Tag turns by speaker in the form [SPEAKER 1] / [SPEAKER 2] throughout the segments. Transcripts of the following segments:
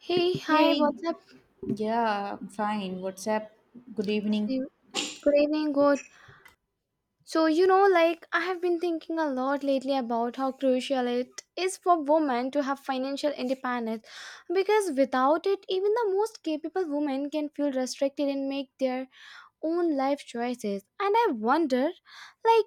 [SPEAKER 1] Hey, hi,
[SPEAKER 2] Hey,
[SPEAKER 1] what's up?
[SPEAKER 2] yeah, I'm fine. What's up? Good evening.
[SPEAKER 1] See- Good evening, good. So, like, I have been thinking a lot lately about how crucial it is for women to have financial independence because without it, even the most capable women can feel restricted and make their own life choices. And I wonder, like,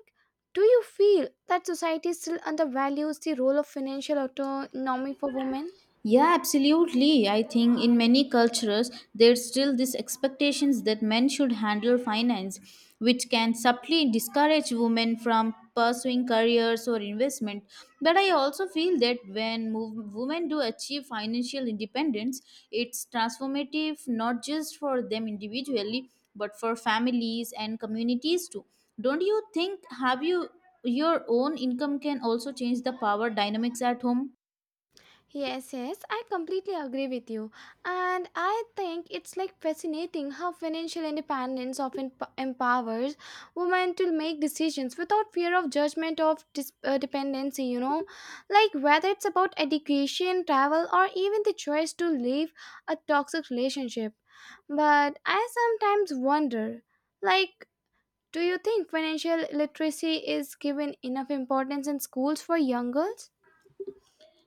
[SPEAKER 1] do you feel that society still undervalues the role of financial autonomy for women?
[SPEAKER 2] Yeah, absolutely. I think in many cultures there's still this expectations that men should handle finance, which can subtly discourage women from pursuing careers or investment. But I also feel that when women do achieve financial independence, it's transformative not just for them individually, but for families and communities too. Don't you think have you your own income can also change the power dynamics at home?
[SPEAKER 1] Yes, yes, I completely agree with you. And I think it's like fascinating how financial independence empowers women to make decisions without fear of judgment of dependency, Like whether it's about education, travel, or even the choice to leave a toxic relationship. But I sometimes wonder, like, do you think financial literacy is given enough importance in schools for young girls?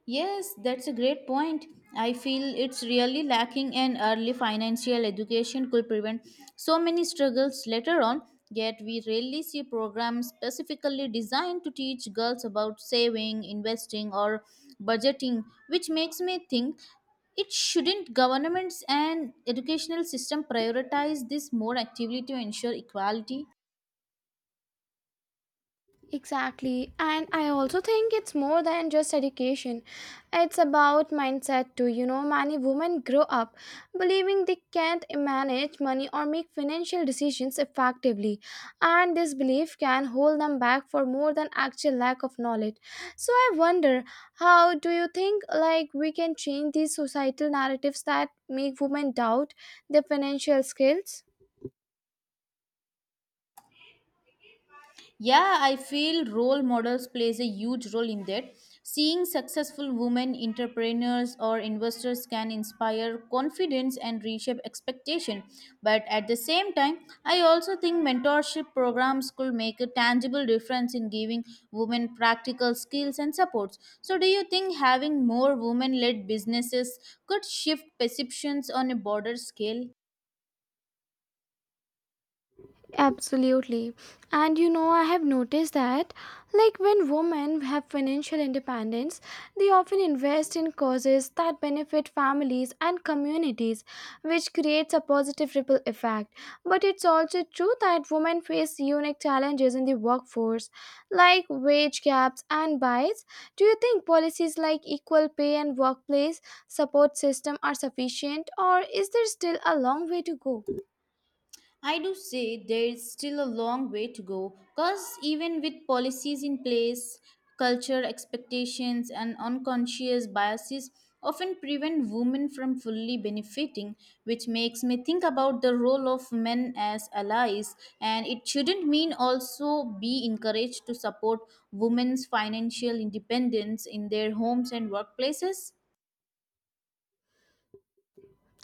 [SPEAKER 2] Yes, that's a great point. I feel it's really lacking, and early financial education could prevent so many struggles later on. Yet, we rarely see programs specifically designed to teach girls about saving, investing, or budgeting, which makes me think it shouldn't governments and educational system prioritize this more actively to ensure equality.
[SPEAKER 1] Exactly. And I also think it's more than just education. It's about mindset too. You know, many women grow up believing they can't manage money or make financial decisions effectively. And this belief can hold them back for more than actual lack of knowledge. So I wonder, how do you think like we can change these societal narratives that make women doubt their financial skills?
[SPEAKER 2] Yeah, I feel role models plays a huge role in that. Seeing successful women entrepreneurs or investors can inspire confidence and reshape expectation, but at the same time I also think mentorship programs could make a tangible difference in giving women practical skills and supports. So do you think having more women led businesses could shift perceptions on a broader scale?
[SPEAKER 1] Absolutely. And you know, I have noticed that, like, when women have financial independence, they often invest in causes that benefit families and communities, which creates a positive ripple effect. But it's also true that women face unique challenges in the workforce, like wage gaps and bias. Do you think policies like equal pay and workplace support system are sufficient, or is there still a long way to go?
[SPEAKER 2] I do say there is still a long way to go because even with policies in place, culture expectations and unconscious biases often prevent women from fully benefiting, which makes me think about the role of men as allies. And it shouldn't mean also be encouraged to support women's financial independence in their homes and workplaces.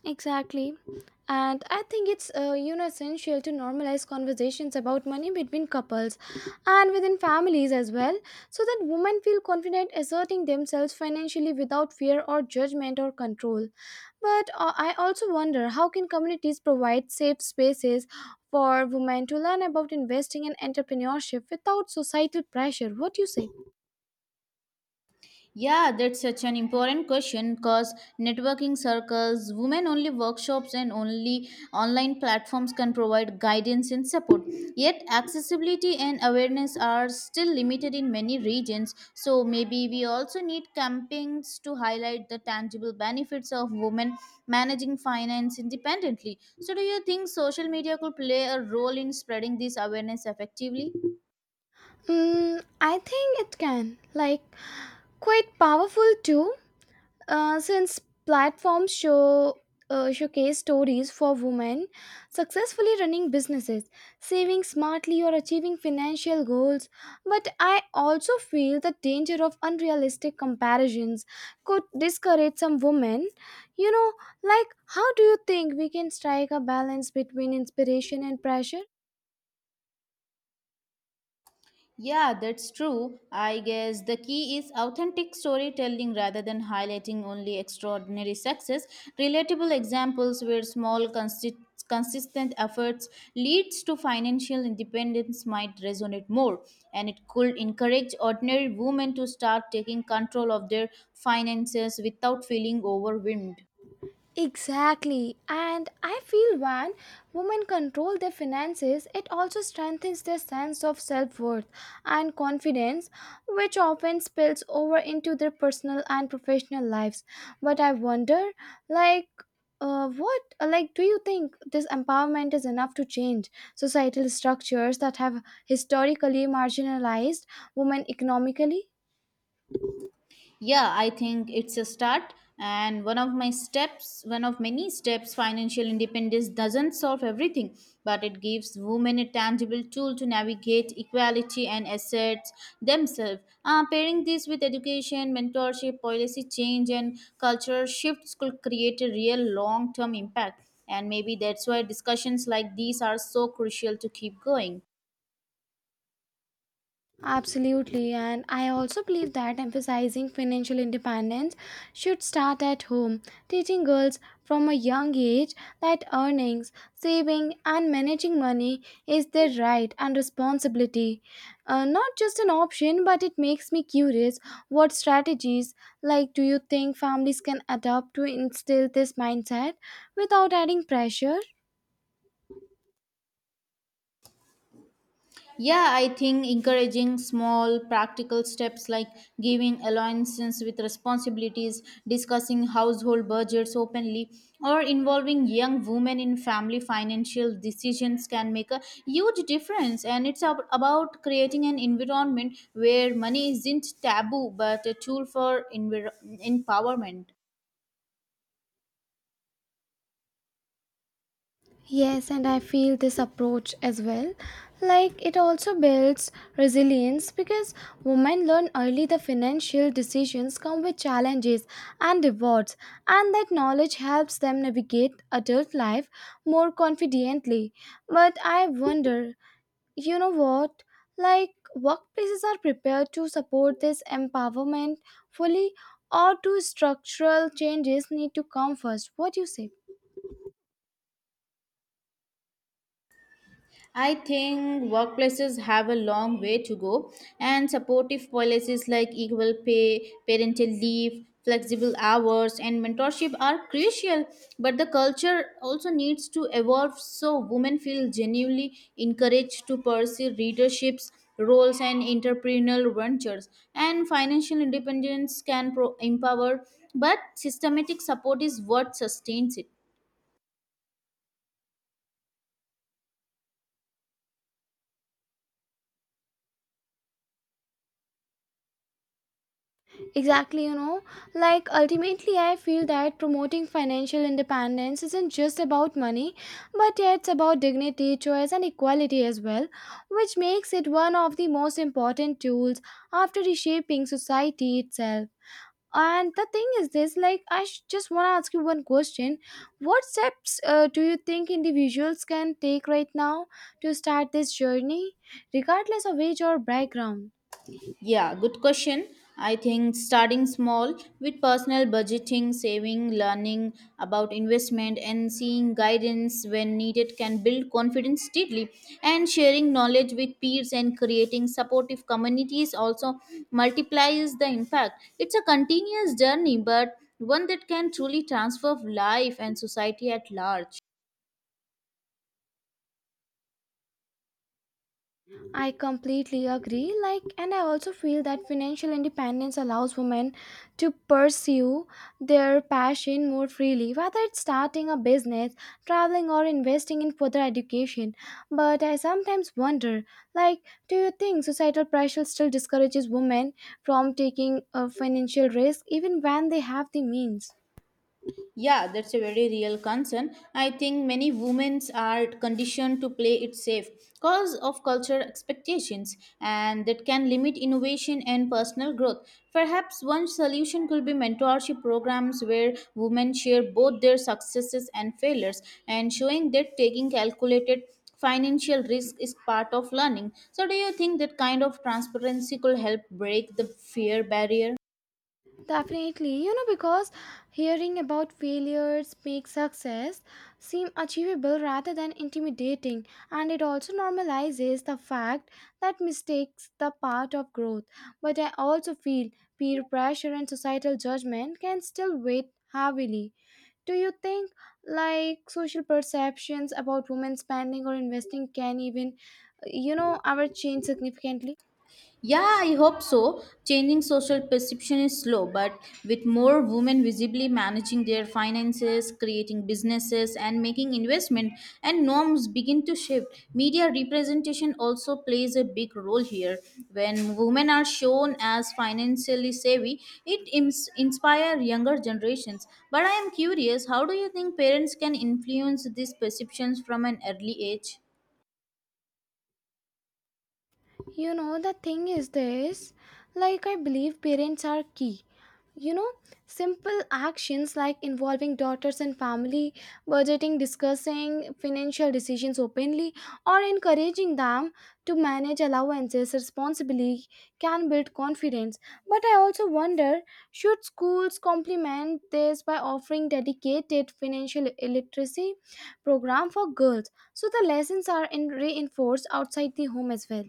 [SPEAKER 1] Exactly. And I think it's you know essential to normalize conversations about money between couples and within families as well so that women feel confident asserting themselves financially without fear or judgment or control. But I also wonder how can communities provide safe spaces for women to learn about investing and entrepreneurship without societal pressure? What do you say?
[SPEAKER 2] Yeah, that's such an important question because networking circles, women only workshops, and only online platforms can provide guidance and support. Yet, accessibility and awareness are still limited in many regions. So, maybe we also need campaigns to highlight the tangible benefits of women managing finance independently. So, do you think social media could play a role in spreading this awareness effectively?
[SPEAKER 1] Mm, I think it can. Like quite powerful too. Since platforms showcase stories for women successfully running businesses, saving smartly, or achieving financial goals. But I also feel the danger of unrealistic comparisons could discourage some women. You know, like how do you think we can strike a balance between inspiration and pressure?
[SPEAKER 2] Yeah, that's true. I guess the key is authentic storytelling rather than highlighting only extraordinary success. Relatable examples where consistent efforts leads to financial independence might resonate more, and it could encourage ordinary women to start taking control of their finances without feeling overwhelmed.
[SPEAKER 1] Exactly. And I feel when women control their finances, it also strengthens their sense of self worth and confidence, which often spills over into their personal and professional lives. But I wonder, like, what like do you think this empowerment is enough to change societal structures that have historically marginalized women economically?
[SPEAKER 2] Yeah, I think it's a start and one of my steps, one of many steps. Financial independence doesn't solve everything, but it gives women a tangible tool to navigate equality and assets themselves. Pairing this with education mentorship policy change and cultural shifts could create a real long-term impact, and maybe that's why discussions like these are so crucial to keep going.
[SPEAKER 1] Absolutely, and I also believe that emphasizing financial independence should start at home, teaching girls from a young age that earnings, saving, and managing money is their right and responsibility. Not just an option, but it makes me curious what strategies, like, do you think families can adopt to instill this mindset without adding pressure?
[SPEAKER 2] Yeah, I think encouraging small practical steps like giving allowances with responsibilities, discussing household budgets openly, or involving young women in family financial decisions can make a huge difference. And it's about creating an environment where money isn't taboo but a tool for empowerment.
[SPEAKER 1] Yes, and I feel this approach as well. Like it also builds resilience because women learn early the financial decisions come with challenges and rewards, and that knowledge helps them navigate adult life more confidently. But I wonder, you know what? Like workplaces are prepared to support this empowerment fully, or do structural changes need to come first? What do you say?
[SPEAKER 2] I think workplaces have a long way to go, and supportive policies like equal pay, parental leave, flexible hours, and mentorship are crucial. But the culture also needs to evolve so women feel genuinely encouraged to pursue leaderships, roles, and entrepreneurial ventures. And financial independence can empower, but systematic support is what sustains it.
[SPEAKER 1] Exactly, you know, like ultimately, I feel that promoting financial independence isn't just about money, but yeah, it's about dignity, choice, and equality as well, which makes it one of the most important tools after reshaping society itself. And the thing is this like, just want to ask you one question. What steps do you think individuals can take right now to start this journey, regardless of age or background?
[SPEAKER 2] Yeah, good question. I think starting small with personal budgeting, saving, learning about investment, and seeing guidance when needed can build confidence steadily. And sharing knowledge with peers and creating supportive communities also multiplies the impact. It's a continuous journey, but one that can truly transform life and society at large.
[SPEAKER 1] I completely agree. Like, and I also feel that financial independence allows women to pursue their passion more freely, whether it's starting a business, traveling, or investing in further education. But I sometimes wonder, like, do you think societal pressure still discourages women from taking a financial risk even when they have the means?
[SPEAKER 2] Yeah, that's a very real concern. I think many women are conditioned to play it safe because of cultural expectations, and that can limit innovation and personal growth. Perhaps one solution could be mentorship programs where women share both their successes and failures, and showing that taking calculated financial risk is part of learning. So, do you think that kind of transparency could help break the fear barrier?
[SPEAKER 1] Definitely, you know, because hearing about failures makes success seem achievable rather than intimidating, and it also normalizes the fact that mistakes the part of growth. But I also feel peer pressure and societal judgment can still weigh heavily. Do you think like social perceptions about women spending or investing can even you know ever change significantly?
[SPEAKER 2] Yeah, I hope so. Changing social perception is slow, but with more women visibly managing their finances, creating businesses, and making investment, and norms begin to shift. Media representation also plays a big role here. When women are shown as financially savvy, it inspires younger generations. But I am curious, how do you think parents can influence these perceptions from an early age?
[SPEAKER 1] You know, the thing is this like, I believe parents are key. You know, simple actions like involving daughters in family budgeting, discussing financial decisions openly, or encouraging them to manage allowances responsibly can build confidence. But I also wonder should schools complement this by offering dedicated financial literacy program for girls so the lessons are in reinforced outside the home as well?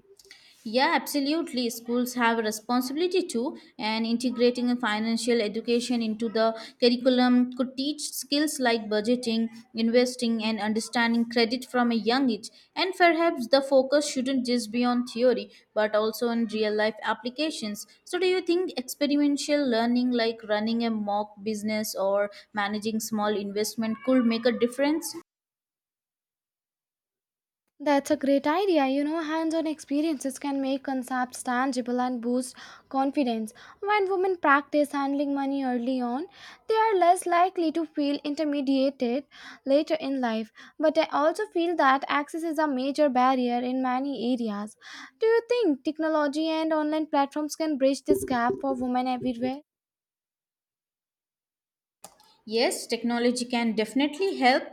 [SPEAKER 2] Yeah, absolutely. Schools have a responsibility too, and integrating a financial education into the curriculum could teach skills like budgeting, investing, and understanding credit from a young age. And perhaps the focus shouldn't just be on theory, but also on real life applications. So, do you think experiential learning, like running a mock business or managing small investment, could make a difference?
[SPEAKER 1] That's a great idea. You know, hands on experiences can make concepts tangible and boost confidence. When women practice handling money early on, they are less likely to feel intimidated later in life. But I also feel that access is a major barrier in many areas. Do you think technology and online platforms can bridge this gap for women everywhere?
[SPEAKER 2] Yes, technology can definitely help.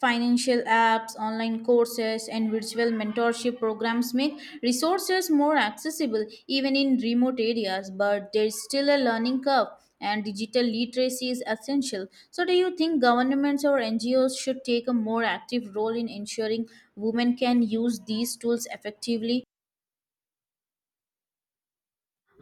[SPEAKER 2] Financial apps, online courses, and virtual mentorship programs make resources more accessible even in remote areas, but there's still a learning curve and digital literacy is essential. So, do you think governments or NGOs should take a more active role in ensuring women can use these tools effectively?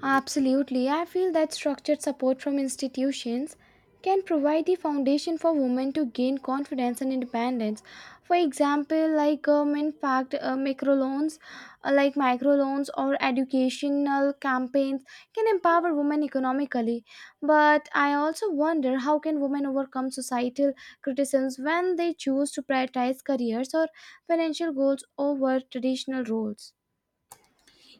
[SPEAKER 1] Absolutely. I feel that structured support from institutions can provide the foundation for women to gain confidence and independence. For example, like government backed like microloans or educational campaigns can empower women economically. But I also wonder how can women overcome societal criticisms when they choose to prioritize careers or financial goals over traditional roles?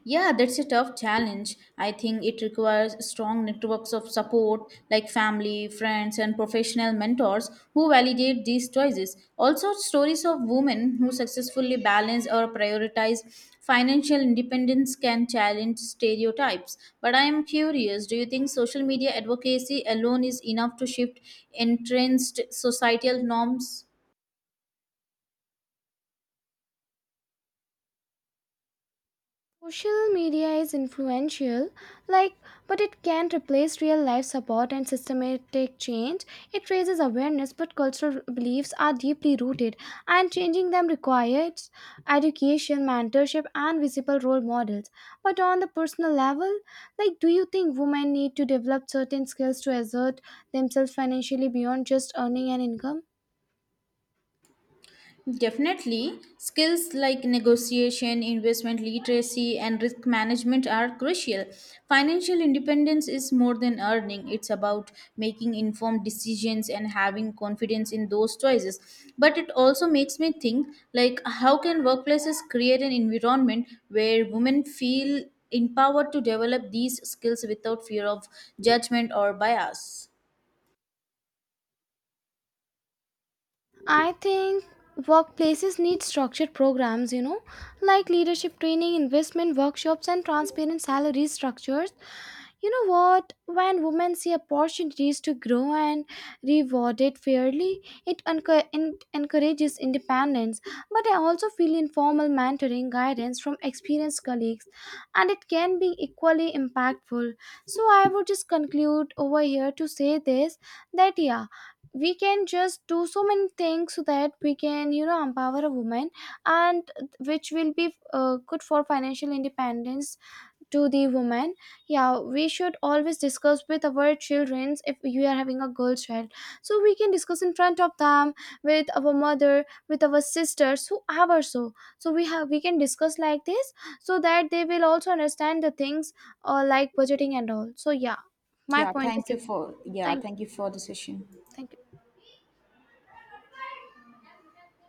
[SPEAKER 2] Yeah, that's a tough challenge. I think it requires strong networks of support like family, friends, and professional mentors who validate these choices. Also, stories of women who successfully balance or prioritize financial independence can challenge stereotypes. But I am curious, do you think social media advocacy alone is enough to shift entrenched societal norms?
[SPEAKER 1] Social media is influential, like, but it can't replace real life support and systematic change. It raises awareness, but cultural beliefs are deeply rooted, and changing them requires education, mentorship, and visible role models. But on the personal level, like, do you think women need to develop certain skills to assert themselves financially beyond just earning an income?
[SPEAKER 2] Definitely, skills like negotiation, investment literacy, and risk management are crucial. Financial independence is more than earning, it's about making informed decisions and having confidence in those choices. But it also makes me think, like how can workplaces create an environment where women feel empowered to develop these skills without fear of judgment or bias?
[SPEAKER 1] I think workplaces need structured programs, you know, like leadership training, investment workshops, and transparent salary structures you know what? When women see opportunities to grow and rewarded fairly, it encourages independence. But I also feel informal mentoring guidance from experienced colleagues, and it can be equally impactful. So I would just conclude over here to say this that yeah. We can just do so many things so that we can, you know, empower a woman, and which will be good for financial independence to the woman. Yeah, we should always discuss with our children. If you are having a girl child, so we can discuss in front of them, with our mother, with our sisters, whoever. So, we can discuss like this so that they will also understand the things, like budgeting and all. So yeah, my point is this.
[SPEAKER 2] Yeah,
[SPEAKER 1] Thank
[SPEAKER 2] thank you
[SPEAKER 1] you.
[SPEAKER 2] for the session.
[SPEAKER 1] Thank you.